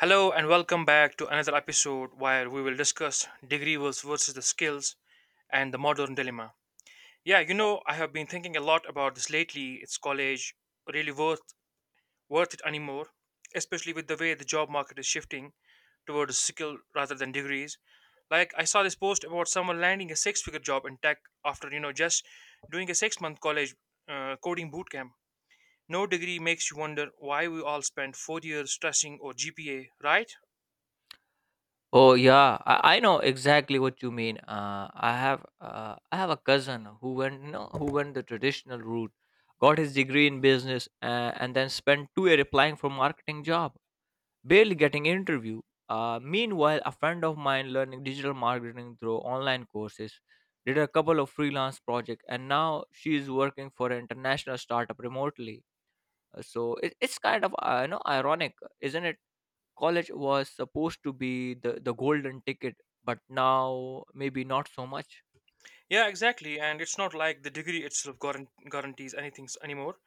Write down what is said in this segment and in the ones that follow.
Hello and welcome back to another episode where we will discuss degree versus the skills and the modern dilemma. Yeah, you know, I have been thinking a lot about this lately. It's college really worth it anymore, especially with the way the job market is shifting towards skill rather than degrees. Like I saw this post about someone landing a six-figure job in tech after, just doing a 6-month college coding bootcamp. No degree makes you wonder why we all spent 4 years stressing or GPA, right? Oh yeah, I know exactly what you mean. I have a cousin who went who went the traditional route, got his degree in business, and then spent 2 years applying for marketing job, barely getting interview. Meanwhile, a friend of mine learning digital marketing through online courses, did a couple of freelance projects, and now she is working for an international startup remotely. So it's kind of ironic, isn't it? College was supposed to be the golden ticket, but now maybe not so much. Yeah, exactly. And it's not like the degree itself guarantees anything anymore.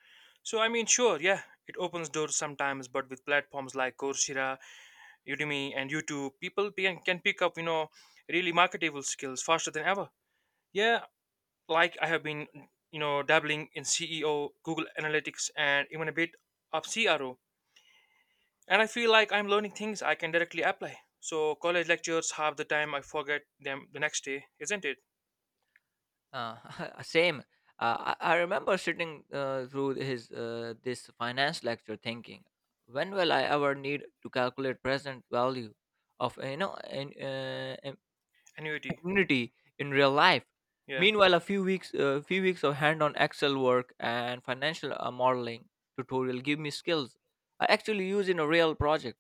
So, I mean, sure, yeah, it opens doors sometimes, but with platforms like Coursera, Udemy, and YouTube, people can pick up, you know, really marketable skills faster than ever. Yeah, like I have been, you know, dabbling in CEO, Google Analytics, and even a bit of CRO. And I feel like I'm learning things I can directly apply. So, college lectures, half the time I forget them the next day, isn't it? uh, Same. I remember sitting through his this finance lecture thinking, when will I ever need to calculate present value of Annuity, immunity in real life? yeah. Meanwhile, a few weeks of hand-on excel work and financial modeling tutorial give me skills I actually use in a real project.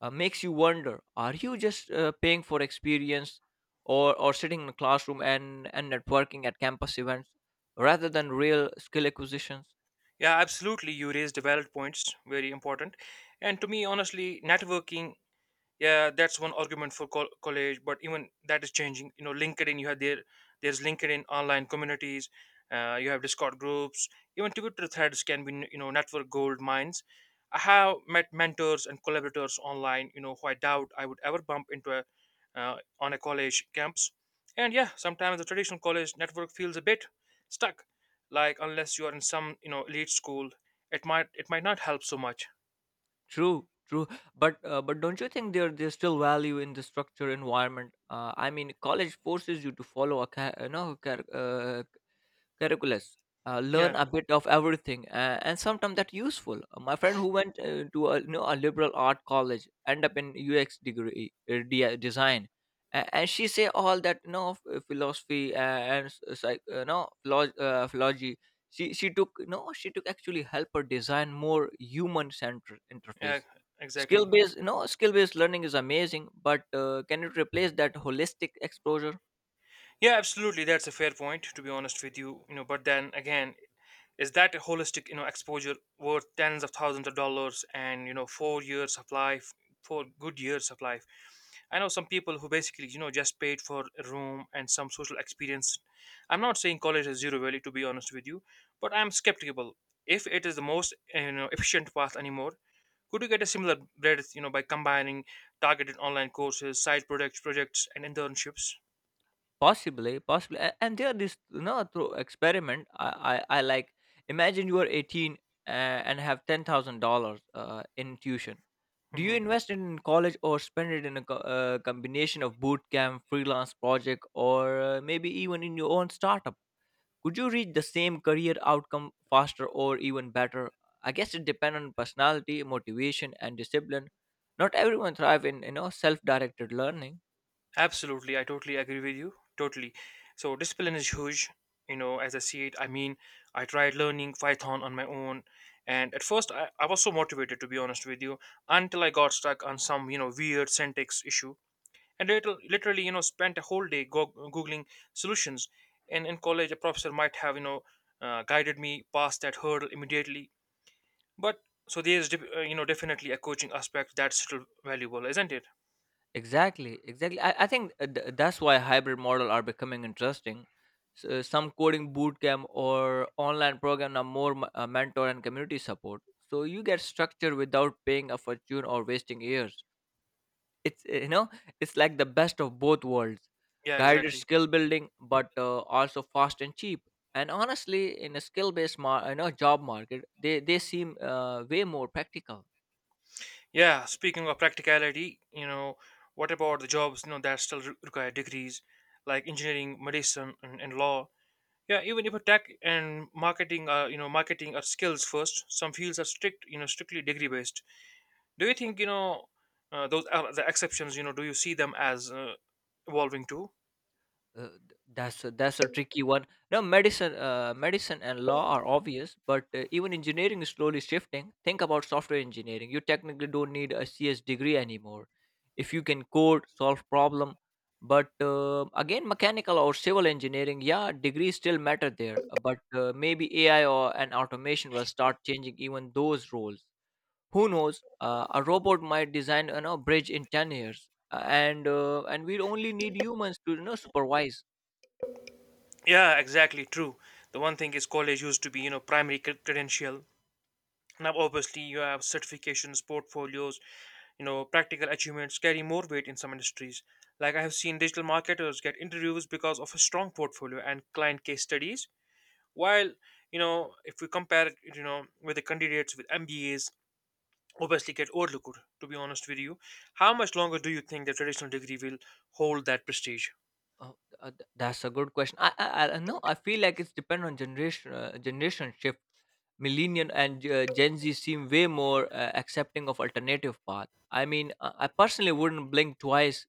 Makes you wonder, are you just paying for experience, or sitting in a classroom and networking at campus events rather than real skill acquisitions? Yeah, absolutely. You raised valid points, very important. And to me, honestly, networking, yeah, that's one argument for college, but even that is changing. You know, LinkedIn, you have there there's LinkedIn online communities, you have Discord groups, even Twitter threads can be, you know, network gold mines. I have met mentors and collaborators online, you know, who I doubt I would ever bump into on a college campus. And yeah, sometimes the traditional college network feels a bit stuck, like unless you are in some, you know, elite school, it might not help so much. True, true. But don't you think there's still value in the structure environment? I mean, college forces you to follow a curriculars. Yeah, Learn a bit of everything, and sometimes that's useful. My friend who went to a liberal art college end up in UX degree design, and she say all that philosophy and s- psych, you know philo- philology. She took no, she took actually help her design more human centered yeah, interface. Exactly. Skill based learning is amazing, but can it replace that holistic exposure? Yeah, absolutely. That's a fair point, to be honest with you. You know, but then again, is that holistic, you know, exposure worth tens of thousands of dollars and, you know, 4 years of life, 4 good years of life? I know some people who basically, you know, just paid for a room and some social experience. I'm not saying college is zero value, to be honest with you, but I'm skeptical if it is the most, you know, efficient path anymore. Could you get a similar breadth, you know, by combining targeted online courses, side projects, projects, and internships? Possibly, possibly, and there are this, you know, through experiment. I like imagine you are 18 and have $10,000 in tuition. Do you Mm-hmm. invest it in college or spend it in a combination of boot camp, freelance project, or maybe even in your own startup? Could you reach the same career outcome faster or even better? I guess it depends on personality, motivation, and discipline. Not everyone thrive in, you know, self-directed learning. Absolutely, I totally agree with you. Totally. So discipline is huge, you know, as I see it. I mean, I tried learning Python on my own, and at first I was so motivated, to be honest with you, until I got stuck on some, you know, weird syntax issue. And later, literally, you know, spent a whole day googling solutions. And in college, a professor might have, you know, guided me past that hurdle immediately. But so there's, you know, definitely a coaching aspect that's still valuable, isn't it? Exactly, exactly. I think that's why hybrid model are becoming interesting. So some coding bootcamp or online program are more mentor and community support. So you get structure without paying a fortune or wasting years. It's it's like the best of both worlds, Yeah, guided exactly. skill building, but also fast and cheap. And honestly, in a skill based mar- you know job market, they seem way more practical. Yeah, speaking of practicality, you know, what about the jobs, you know, that still require degrees, like engineering, medicine, and law? Yeah, even if a tech and marketing are, you know, marketing are skills first, some fields are strict, you know, strictly degree based. Do you think, you know, those are the exceptions, you know, do you see them as evolving too? That's a tricky one. Now, medicine and law are obvious, but even engineering is slowly shifting. Think about software engineering. You technically don't need a CS degree anymore if you can code, solve problem. But again, mechanical or civil engineering, yeah, degrees still matter there. But maybe AI or and automation will start changing even those roles. Who knows? A robot might design a, you know, bridge in 10 years, and we only need humans to, you know, supervise. Yeah, exactly, true. The one thing is college used to be, you know, primary credential. Now, obviously, you have certifications, portfolios, you know, practical achievements carry more weight in some industries. Like I have seen digital marketers get interviews because of a strong portfolio and client case studies. While, you know, if we compare it, you know, with the candidates with MBAs, obviously get overlooked, to be honest with you. How much longer do you think the traditional degree will hold that prestige? Oh, that's a good question. I know. I feel like it's depend on generation shift. Millennial and Gen Z seem way more accepting of alternative path. I mean, I personally wouldn't blink twice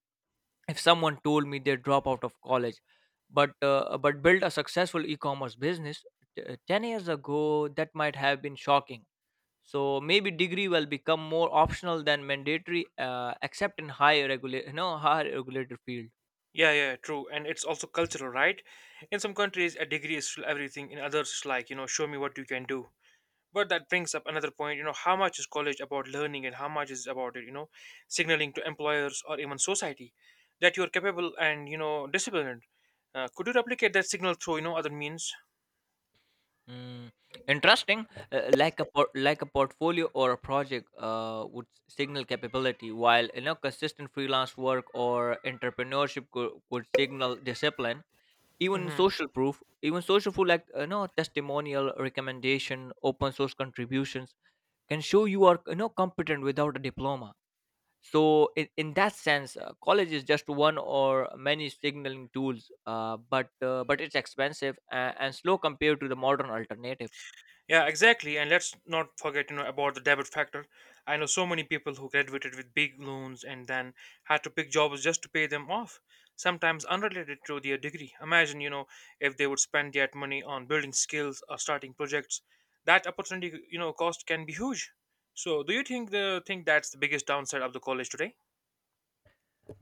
if someone told me they drop out of college, but build a successful e-commerce business. 10 years ago, that might have been shocking. So maybe degree will become more optional than mandatory, except in high regulated field. Yeah, yeah, true. And it's also cultural, right? In some countries, a degree is still everything. In others, it's like, you know, show me what you can do. But that brings up another point, you know, how much is college about learning and how much is about it, you know, signaling to employers or even society that you're capable and, you know, disciplined. Could you replicate that signal through, you know, other means? Mm, interesting. Like a portfolio or a project would signal capability, while, you know, consistent freelance work or entrepreneurship could signal discipline. even Hmm. social proof even social proof, like, you know, testimonial recommendation open source contributions can show you are, you know, competent without a diploma. So in that sense, college is just one or many signaling tools, but it's expensive and, slow compared to the modern alternatives. Yeah, exactly. And let's not forget, you know, about the debit factor. I know so many people who graduated with big loans and then had to pick jobs just to pay them off, sometimes unrelated to their degree. Imagine, you know, if they would spend that money on building skills or starting projects. That opportunity, you know, cost can be huge. So, do you think the think that's the biggest downside of the college today?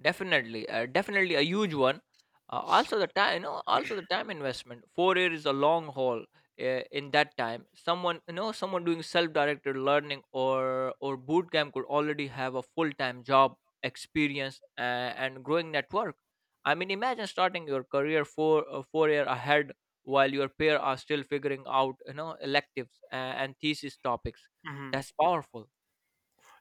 Definitely, definitely a huge one. Also the time investment. 4 years is a long haul. In that time, someone doing self-directed learning or boot camp could already have a full-time job experience and growing network. I mean, imagine starting your career 4 year ahead while your peer are still figuring out, you know, electives and thesis topics. Hmm. That's powerful.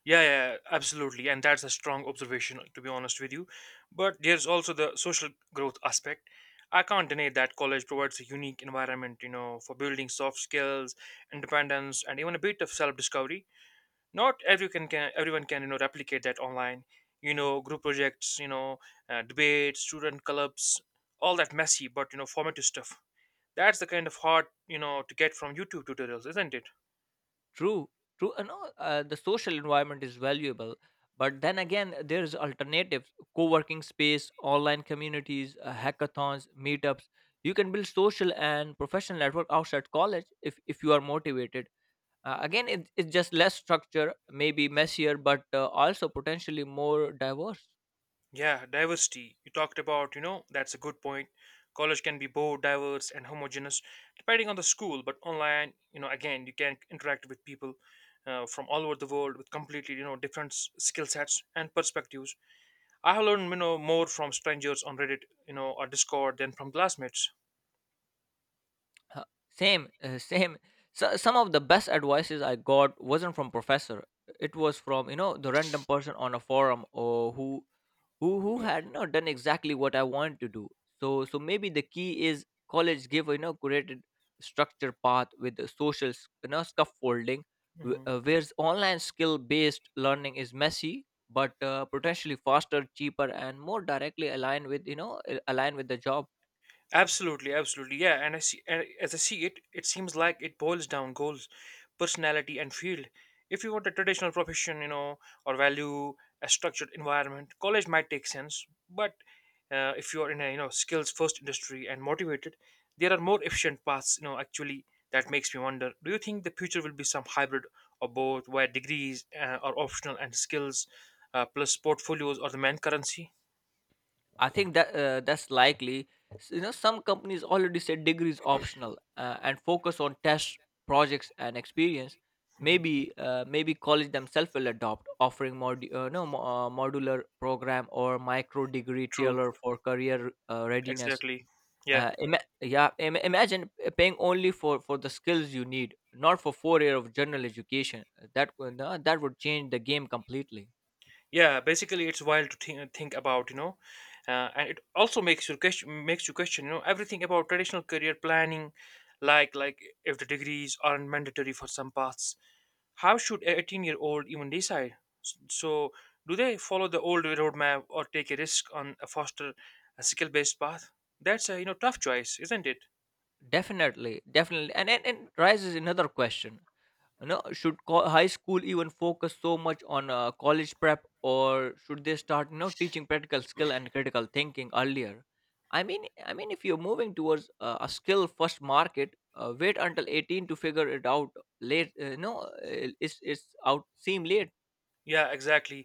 Yeah, yeah, absolutely. And that's a strong observation, to be honest with you. But there's also the social growth aspect. I can't deny that college provides a unique environment, you know, for building soft skills, independence, and even a bit of self-discovery. Not everyone can, everyone can, you know, replicate that online. You know, group projects, you know, debates, student clubs, all that messy but, you know, formative stuff. That's the kind of hard, you know, to get from YouTube tutorials, isn't it? True, true. And all, the social environment is valuable, but then again, there's alternatives: co-working space, online communities, hackathons, meetups. You can build social and professional network outside college if you are motivated. Again, it's just less structure, maybe messier, but also potentially more diverse. Yeah, diversity. You talked about, you know, that's a good point. College can be both diverse and homogeneous, depending on the school. But online, you know, again, you can interact with people from all over the world with completely, you know, different skill sets and perspectives. I have learned, you know, more from strangers on Reddit, you know, or Discord than from classmates. Same. So, some of the best advices I got wasn't from professor. It was from, you know, the random person on a forum or who had, you know, done exactly what I wanted to do. So maybe the key is college give, you know, curated structure path with the social scaffolding, Mhm. Whereas online skill based learning is messy but potentially faster, cheaper, and more directly aligned with, you know, aligned with the job. Absolutely, absolutely. Yeah, and I see and as I see it, it seems like it boils down goals, personality and field. If you want a traditional profession, you know, or value a structured environment, college might take sense. But if you're in a, you know, skills first industry and motivated, there are more efficient paths. You know, actually, that makes me wonder: do you think the future will be some hybrid or both, where degrees are optional and skills plus portfolios are the main currency? I think that that's likely. Some companies already said degrees optional and focus on test projects and experience. Mhm. Maybe college themselves will adopt offering mod no mo- modular program or micro degree True. tailored for career readiness. Exactly. Yeah. Imagine paying only for the skills you need, not for 4 year of general education. That would change the game completely. Yeah, basically it's wild to think about, you know, and it also makes you question, you know, everything about traditional career planning. Like if the degrees aren't mandatory for some paths, how should a 18-year-old even decide? So do they follow the old roadmap or take a risk on a foster a skill based path? That's a, you know, tough choice, isn't it? Definitely, definitely, and raises another question. You know, should high school even focus so much on college prep, or should they start, you know, teaching practical skill and critical thinking earlier? I mean if you're moving towards a skill first market, wait until 18 to figure it out late? No, it's it's out seem late. Yeah, exactly.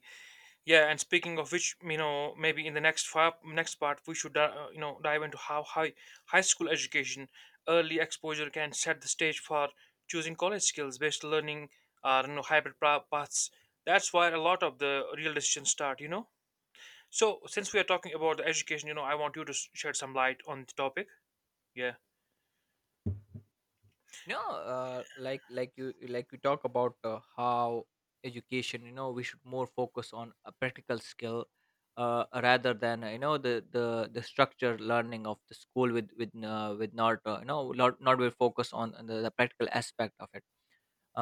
Yeah, and speaking of which, you know, maybe in the next next part we should, you know, dive into how high school education, early exposure can set the stage for choosing college, skills based learning, or, you know, hybrid paths. That's where a lot of the real decisions start, you know. So since we are talking about the education, you know, I want you to shed some light on the topic. Yeah, No, like you talk about how education, you know, we should more focus on a practical skill, rather than, the structure learning of the school with with not, not will focus on the, practical aspect of it.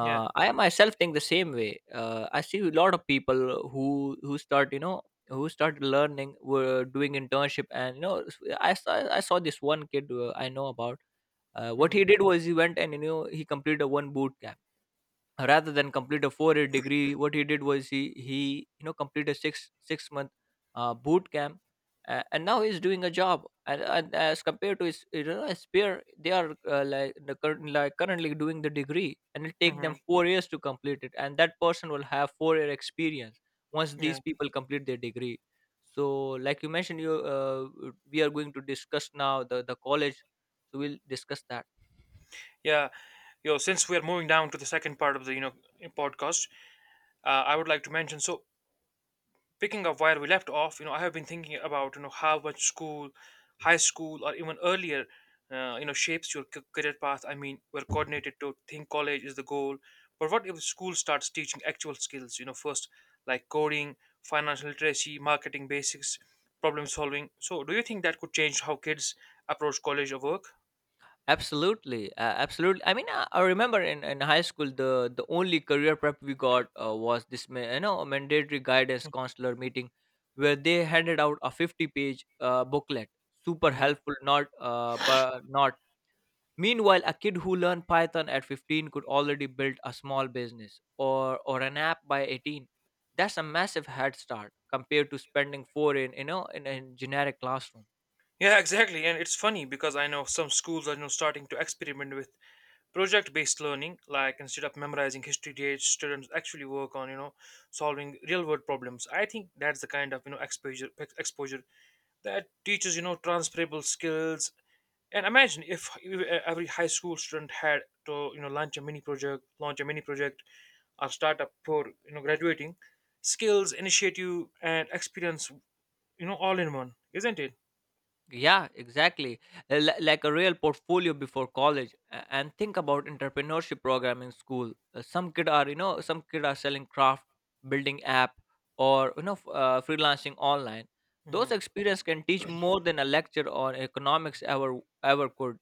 yeah, I myself think the same way. I see a lot of people who start, you know, who started learning were doing internship and, you know, I saw this one kid I know about. What hmm he did was he went and, you know, he completed a one boot camp rather than complete a 4 year degree. What he did was he you know, completed a six month boot camp, and now he's doing a job. And as compared to his, you know, his peer, they are like currently doing the degree, and it take them hmm, 4 years to complete it. And that person will have 4 year experience once yeah, these people complete their degree. So, like you mentioned, you we are going to discuss now the college. So we'll discuss that. yeah. Yo, since we are moving down to the second part of the, you know, podcast, I would like to mention so picking up where we left off, you know, I have been thinking about, you know, how much school, high school, or even earlier, you know, shapes your career path. I mean, we're coordinated to think college is the goal, but what if school starts teaching actual skills? You know, first like coding, financial literacy, marketing basics, problem solving. So, do you think that could change how kids approach college or work? Absolutely, absolutely. I mean, I remember in high school, the only career prep we got was this, mandatory guidance counselor meeting, where they handed out a 50 page booklet, super Hmm. helpful, not but not. Meanwhile, a kid who learned Python at 15 could already build a small business or an app by 18. That's a massive head start compared to spending four in, you know, in a generic classroom. Yeah, exactly. And it's funny because I know some schools are, you know, starting to experiment with project based learning, like instead of memorizing history dates, students actually work on, you know, solving real world problems. I think that's the kind of, you know, exposure that teaches, you know, transferable skills. And imagine if every high school student had to, you know, launch a mini project or startup for, you know, graduating, skills initiative and experience, you know, all in one, isn't it? Yeah, exactly. Like a real portfolio before college. And think about entrepreneurship program in school. Some kid are selling craft, building app, or, you know, freelancing online. Those Mhm. experience can teach more than a lecture on economics ever could.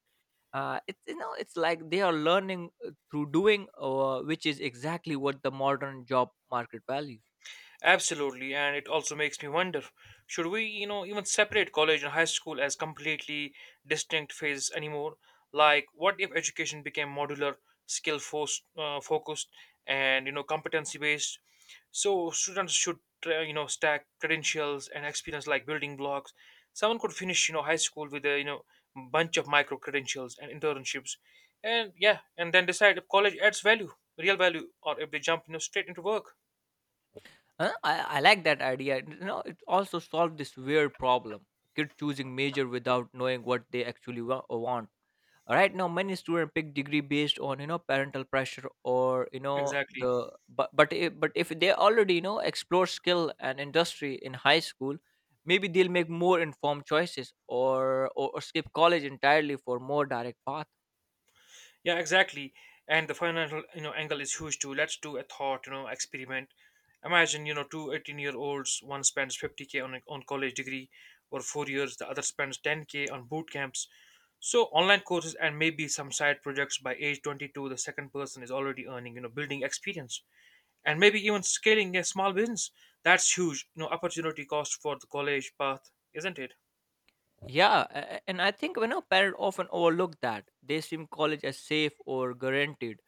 It's like they are learning through doing, which is exactly what the modern job market values. Absolutely, and it also makes me wonder, should we, you know, even separate college and high school as completely distinct phases anymore? Like, what if education became modular, skill force, focused, and, you know, competency based? So students should, you know, stack credentials and experience like building blocks. Someone could finish, you know, high school with a, you know, bunch of micro credentials and internships, and yeah, and then decide if college adds value, real value, or if they jump, you know, straight into work. Huh? I like that idea. You know, it also solved this weird problem: kid choosing major without knowing what they actually want. Right now, many students pick degree based on parental pressure or Exactly. the but if they already explore skill and industry in high school, maybe they'll make more informed choices or skip college entirely for more direct path. Yeah, exactly. And the financial, you know, angle is huge too. Let's do a thought, you know, experiment. Imagine, 218 18-year-olds. One spends 50K on on college degree or 4 years, the other spends 10K on boot camps. So online courses and maybe some side projects. By age 22, the second person is already earning, building experience and maybe even scaling a small business. That's huge opportunity cost for the college path, isn't it? Yeah, and I think parents often overlook that they assume college as safe or guaranteed,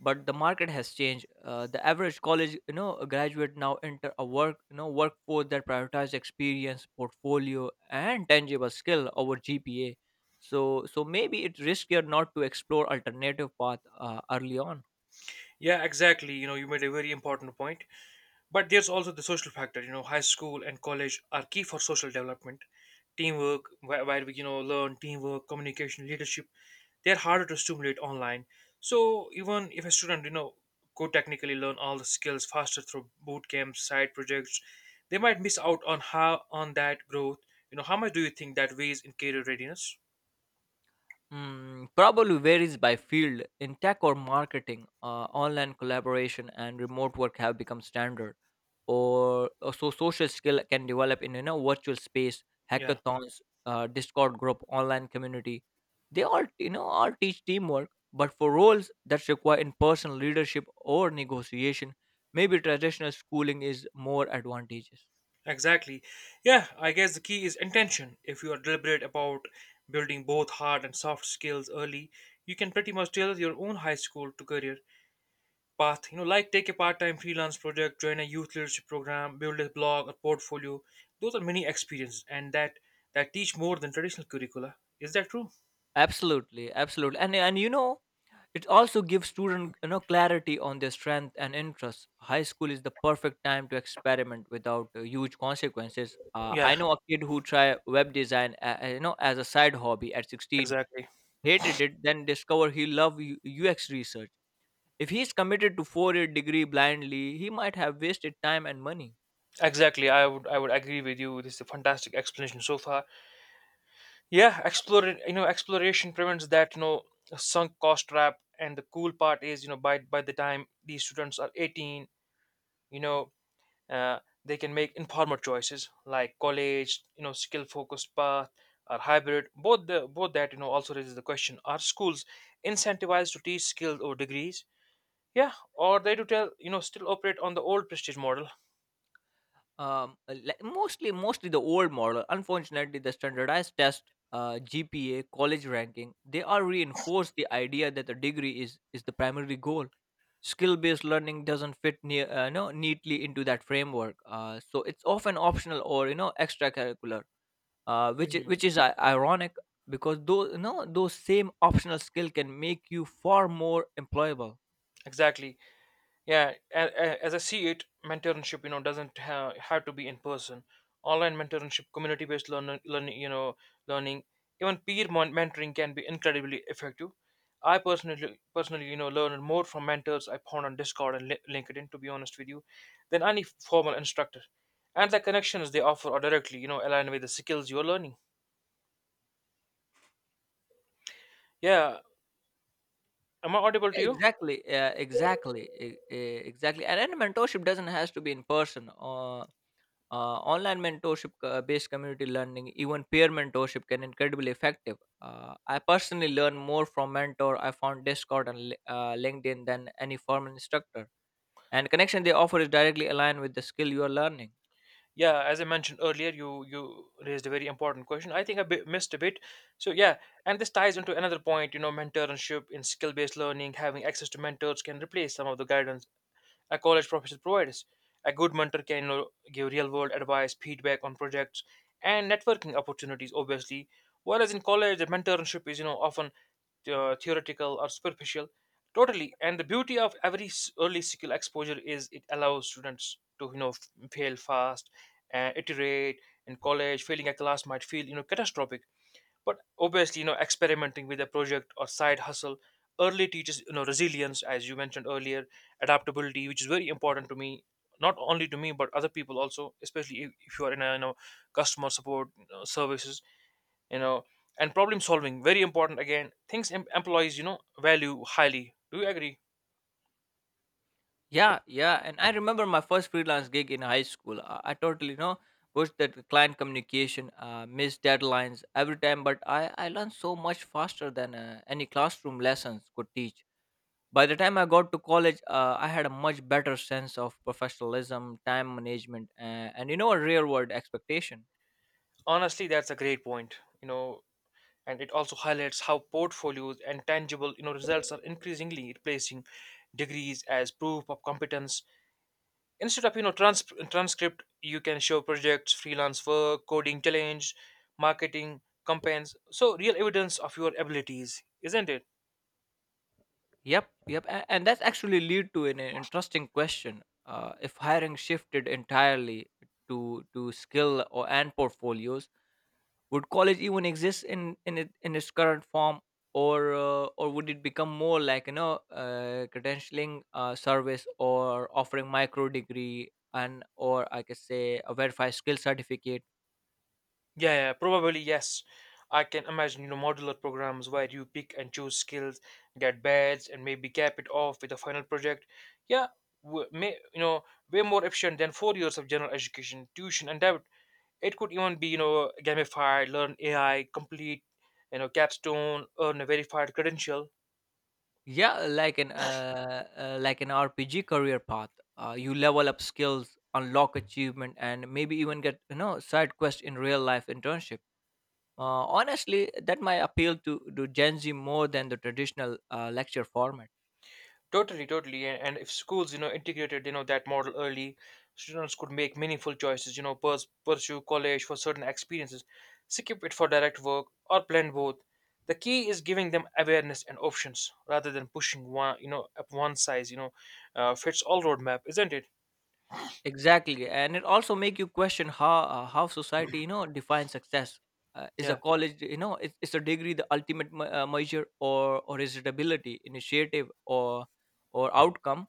but the market has changed. The average college graduate now enter a work workforce that prioritizes experience, portfolio, and tangible skill over GPA. So maybe it's riskier not to explore alternative path early on. Yeah, exactly. You made a very important point. But there's also the social factor. High school and college are key for social development, teamwork, where we learn teamwork, communication, leadership. They're harder to stimulate online. So even if a student could technically learn all the skills faster through boot camps, side projects, they might miss out on how on that growth. How much do you think that weighs in career readiness? Mm, probably varies by field. In tech or marketing, online collaboration and remote work have become standard or so social skill can develop in virtual space, Yeah. hackathons, discord group, online community, they all you know all teach teamwork, but for roles that require in-person leadership or negotiation, maybe traditional schooling is more advantageous. Exactly. Yeah, I guess the key is intention. If you are deliberate about building both hard and soft skills early, you can pretty much tailor your own high school to career path. Like take a part time freelance project, join a youth leadership program, build a blog or portfolio. Those are many experiences and that teach more than traditional curricula. Is that true? Absolutely, and It also gives students, you know, clarity on their strength and interests. High school is the perfect time to experiment without huge consequences. Yeah, I know a kid who tried web design you know, as a side hobby at 16, exactly. hated it, then discovered he loved UX research. If he's committed to four-year degree blindly, he might have wasted time and money. Exactly. I would agree with you. This is a fantastic explanation so far. Yeah, explore, exploration prevents that, sunk cost trap. And the cool part is, by the time these students are 18, you know uh, they can make informed choices like college, skill focused path, or hybrid both, the both that also raises the question: are schools incentivized to teach skills or degrees? Yeah, or they do tell, still operate on the old prestige model. Like mostly the old model. Unfortunately, the standardized test, GPA, college ranking, they are reinforced the idea that the degree is the primary goal. Skill-based learning doesn't fit near, no, neatly into that framework. So it's often optional or extracurricular, uh, which i- Mhm. which is i- ironic because those you know those same optional skill can make you far more employable. Exactly. Yeah, as I see it, mentorship doesn't have to be in person. Online mentorship, community-based learning, even peer mentoring can be incredibly effective. I personally, learned more from mentors I found on Discord and LinkedIn, to be honest with you, than any formal instructor. And the connections they offer are directly, aligned with the skills you're learning. Yeah, am I audible to you? Exactly. Yeah, exactly. Exactly. And then mentorship doesn't has to be in person. Or online mentorship, based community learning, even peer mentorship can incredibly effective. I personally learn more from mentor. I found Discord and LinkedIn than any formal instructor. And connection they offer is directly aligned with the skill you are learning. Yeah, as I mentioned earlier, you raised a very important question. I think I missed a bit. So yeah, and this ties into another point. Mentorship in skill-based learning, having access to mentors can replace some of the guidance a college professor provides. A good mentor can give real-world advice, feedback on projects, and networking opportunities. Obviously, whereas in college, the mentorship is often theoretical or superficial. Totally. And the beauty of every early skill exposure is it allows students to fail fast and iterate. In college, failing a class might feel catastrophic. But obviously, experimenting with a project or side hustle early teaches resilience, as you mentioned earlier, adaptability, which is very important to me, not only to me but other people also, especially if you are in a customer support, you services, you know and problem solving. Very important again, things employees value highly. Do you agree? Yeah, yeah. And I remember my first freelance gig in high school. I totally, you know, pushed that client communication, missed deadlines every time. But I learned so much faster than any classroom lessons could teach. By the time I got to college, I had a much better sense of professionalism, time management, and, a real world expectation. Honestly, that's a great point. you know and it also highlights how portfolios and tangible results are increasingly replacing degrees as proof of competence, instead of transcript. You can show projects, freelance work, coding challenge, marketing campaigns. So real evidence of your abilities, isn't it? Yep, yep, and that's actually lead to an interesting question. If hiring shifted entirely to skill or and portfolios, would college even exist in its current form, or or would it become more like credentialing service or offering micro degree and, or I could say, a verified skill certificate? Yeah, yeah, probably yes. I can imagine modular programs where you pick and choose skills, get badges, and maybe cap it off with a final project. Yeah, w- may, you know, way more efficient than 4 years of general education, tuition, and debt. It could even be, gamified. Learn AI, complete, capstone, earn a verified credential. Yeah, like an RPG career path. You level up skills, unlock achievement, and maybe even get side quest in real life internship. Honestly, that might appeal to Gen Z more than the traditional lecture format. Totally, totally. And if schools integrated that model early, students could make meaningful choices, pursue college for certain experiences, skip it for direct work, or blend both. The key is giving them awareness and options rather than pushing one up, one size, fits all roadmap, isn't it? Exactly, and it also make you question how, how society, you know, defines success. Is a Yeah, college, is a degree the ultimate measure, or is it ability, initiative, or outcome?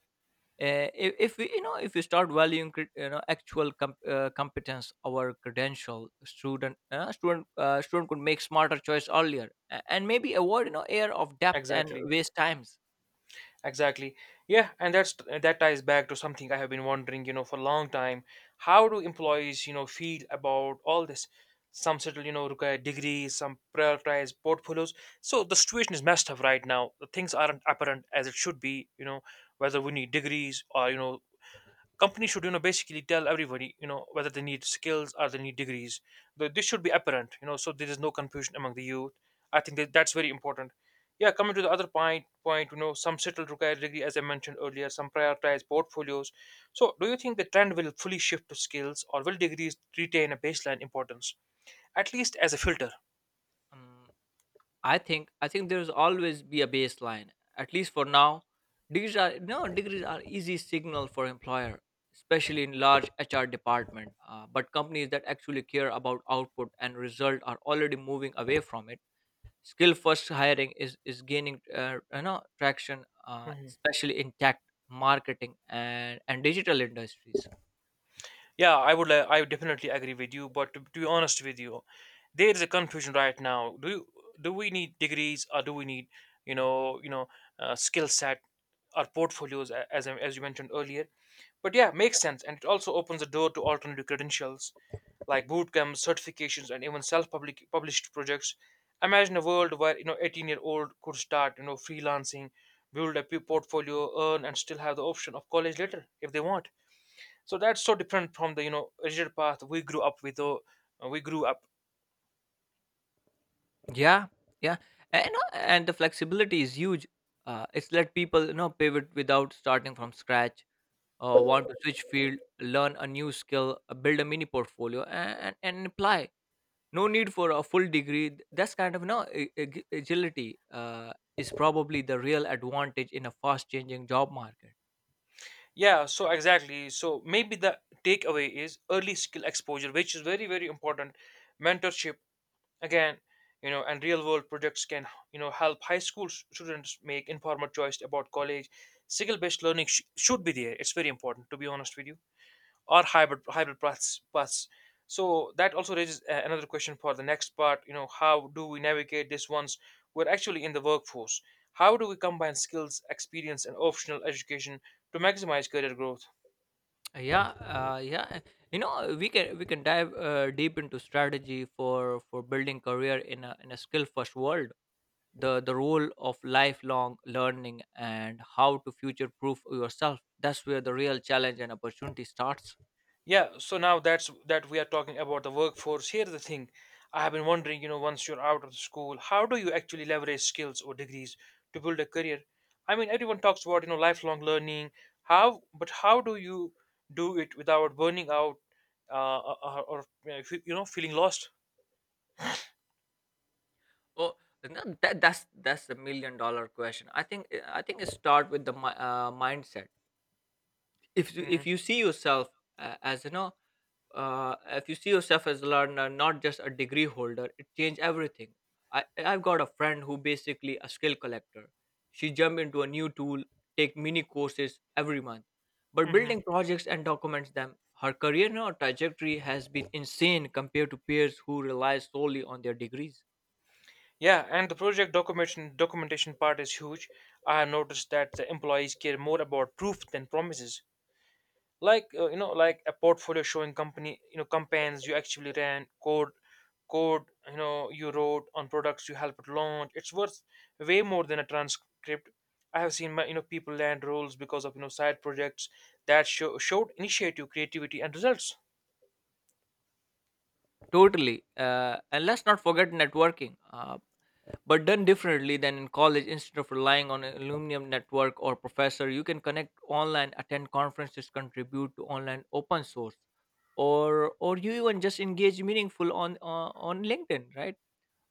If we, you know, if we start valuing actual competence our credential, student could make smarter choice earlier, and maybe avoid, you know, air of depth and exactly. waste times. Exactly. Yeah, and that ties back to something I have been wondering, for a long time. How do employees feel about all this? Some settle require degrees, some prioritize portfolios. So the situation is messed up right now. The things aren't apparent as it should be, whether we need degrees or companies should basically tell everybody whether they need skills or they need degrees. This should be apparent, so there is no confusion among the youth. I think that that's very important. Yeah, coming to the other point, some settled require degree, as I mentioned earlier, some prioritize portfolios. So do you think the trend will fully shift to skills, or will degrees retain a baseline importance, at least as a filter? Um, I think there's always be a baseline. At least for now, degrees are no degrees are easy signal for employer, especially in large HR department. But companies that actually care about output and result are already moving away from it. Skill first hiring is gaining, traction, Hmm. especially in tech, marketing, and digital industries. Yeah, I would. I would definitely agree with you. But to be honest with you, there is a confusion right now. Do we need degrees, or do we need you know you know skill set or portfolios, as you mentioned earlier? But yeah, makes sense, and it also opens the door to alternative credentials like bootcamps, certifications, and even self-public published projects. Imagine a world where 18-year-old could start freelancing, build a portfolio, earn, and still have the option of college later if they want. So that's so different from the rigid path we grew up with, or we grew up. Yeah, yeah, and the flexibility is huge. It's let people, you know, pivot without starting from scratch. Want to switch field, learn a new skill, build a mini portfolio, and, and apply. No need for a full degree. That's kind of, you know, agility is probably the real advantage in a fast changing job market. Yeah, so exactly, so maybe the takeaway is early skill exposure, which is very very important, mentorship again, and real world projects can help high school students make informed choice about college. Skill based learning should be there, it's very important to be honest with you, or hybrid paths. So that also raises another question for the next part. How do we navigate this once we're actually in the workforce? How do we combine skills, experience, and optional education to maximize career growth? Yeah, yeah, you know, we can, we can dive deep into strategy for building career in a, in a, skill first world. The role of lifelong learning and how to future proof yourself, that's where the real challenge and opportunity starts. Yeah, so now that's that we are talking about the workforce. Here's the thing. I have been wondering, once you're out of the school, how do you actually leverage skills or degrees to build a career? I mean, everyone talks about lifelong learning. But how do you do it without burning out or fe- you know, feeling lost? Oh, no, that's the million-dollar question. I think it start with the mindset. If Mm-hmm. you see yourself as you know uh, if you see yourself as a learner, not just a degree holder, it changed everything. I i've got a friend who basically a skill collector. She jumped into a new tool, take mini courses every month, but Mm-hmm. building projects and documents them. Her career now trajectory has been insane compared to peers who rely solely on their degrees. Yeah, and the project documentation part is huge. I have noticed that the employees care more about proof than promises. Like like a portfolio showing company, campaigns you actually ran, code you wrote on products you helped launch. It's worth way more than a transcript. I have seen my people land roles because of side projects that showed initiative, creativity, and results. Totally. And let's not forget networking, but done differently than in college. Instead of relying on an alumnium network or professor, you can connect online, attend conferences, contribute to online open source, or you even just engage meaningful on LinkedIn, right?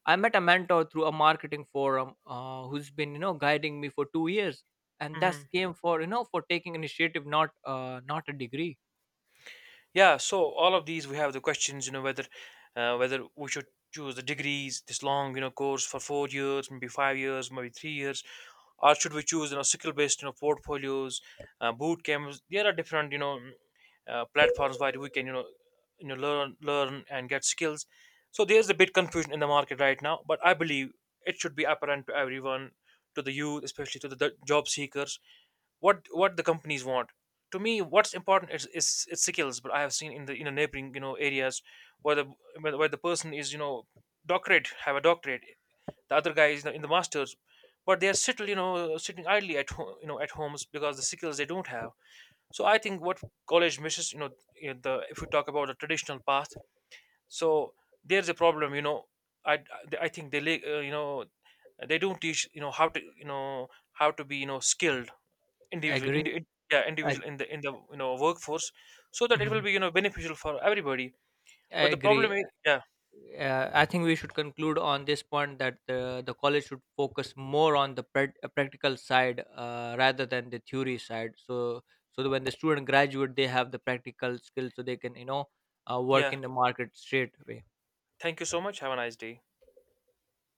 I met a mentor through a marketing forum who's been, you know, guiding me for 2 years, and that's Mhm. came for, you know, for taking initiative, not not a degree. Yeah, so all of these we have the questions, whether we should choose the degrees, this long, course for 4 years, maybe 5 years, maybe 3 years, or should we choose, skill-based, portfolios, boot camps. There are different, platforms where we can, learn and get skills. So there's a bit confusion in the market right now, but I believe it should be apparent to everyone, to the youth, especially to the job seekers, what the companies want. To me, what's important is skills. But I have seen in the neighboring areas, where where the person is, doctorate, have a doctorate, the other guy is in the masters, but they are still sitting idly at home, at homes, because the skills they don't have. So I think what college misses, the, if you talk about the traditional path, so there's a problem. I think they don't teach how to be skilled I individual agree. In, yeah, I, individual in the workforce, so that it will Mhm. be beneficial for everybody. I But the problem agree. is, yeah. I think we should conclude on this point that the college should focus more on the practical side rather than the theory side. So, so that when the student graduate, they have the practical skills, so they can, you know, work Yeah, in the market straight away. thank you so much, have a nice day.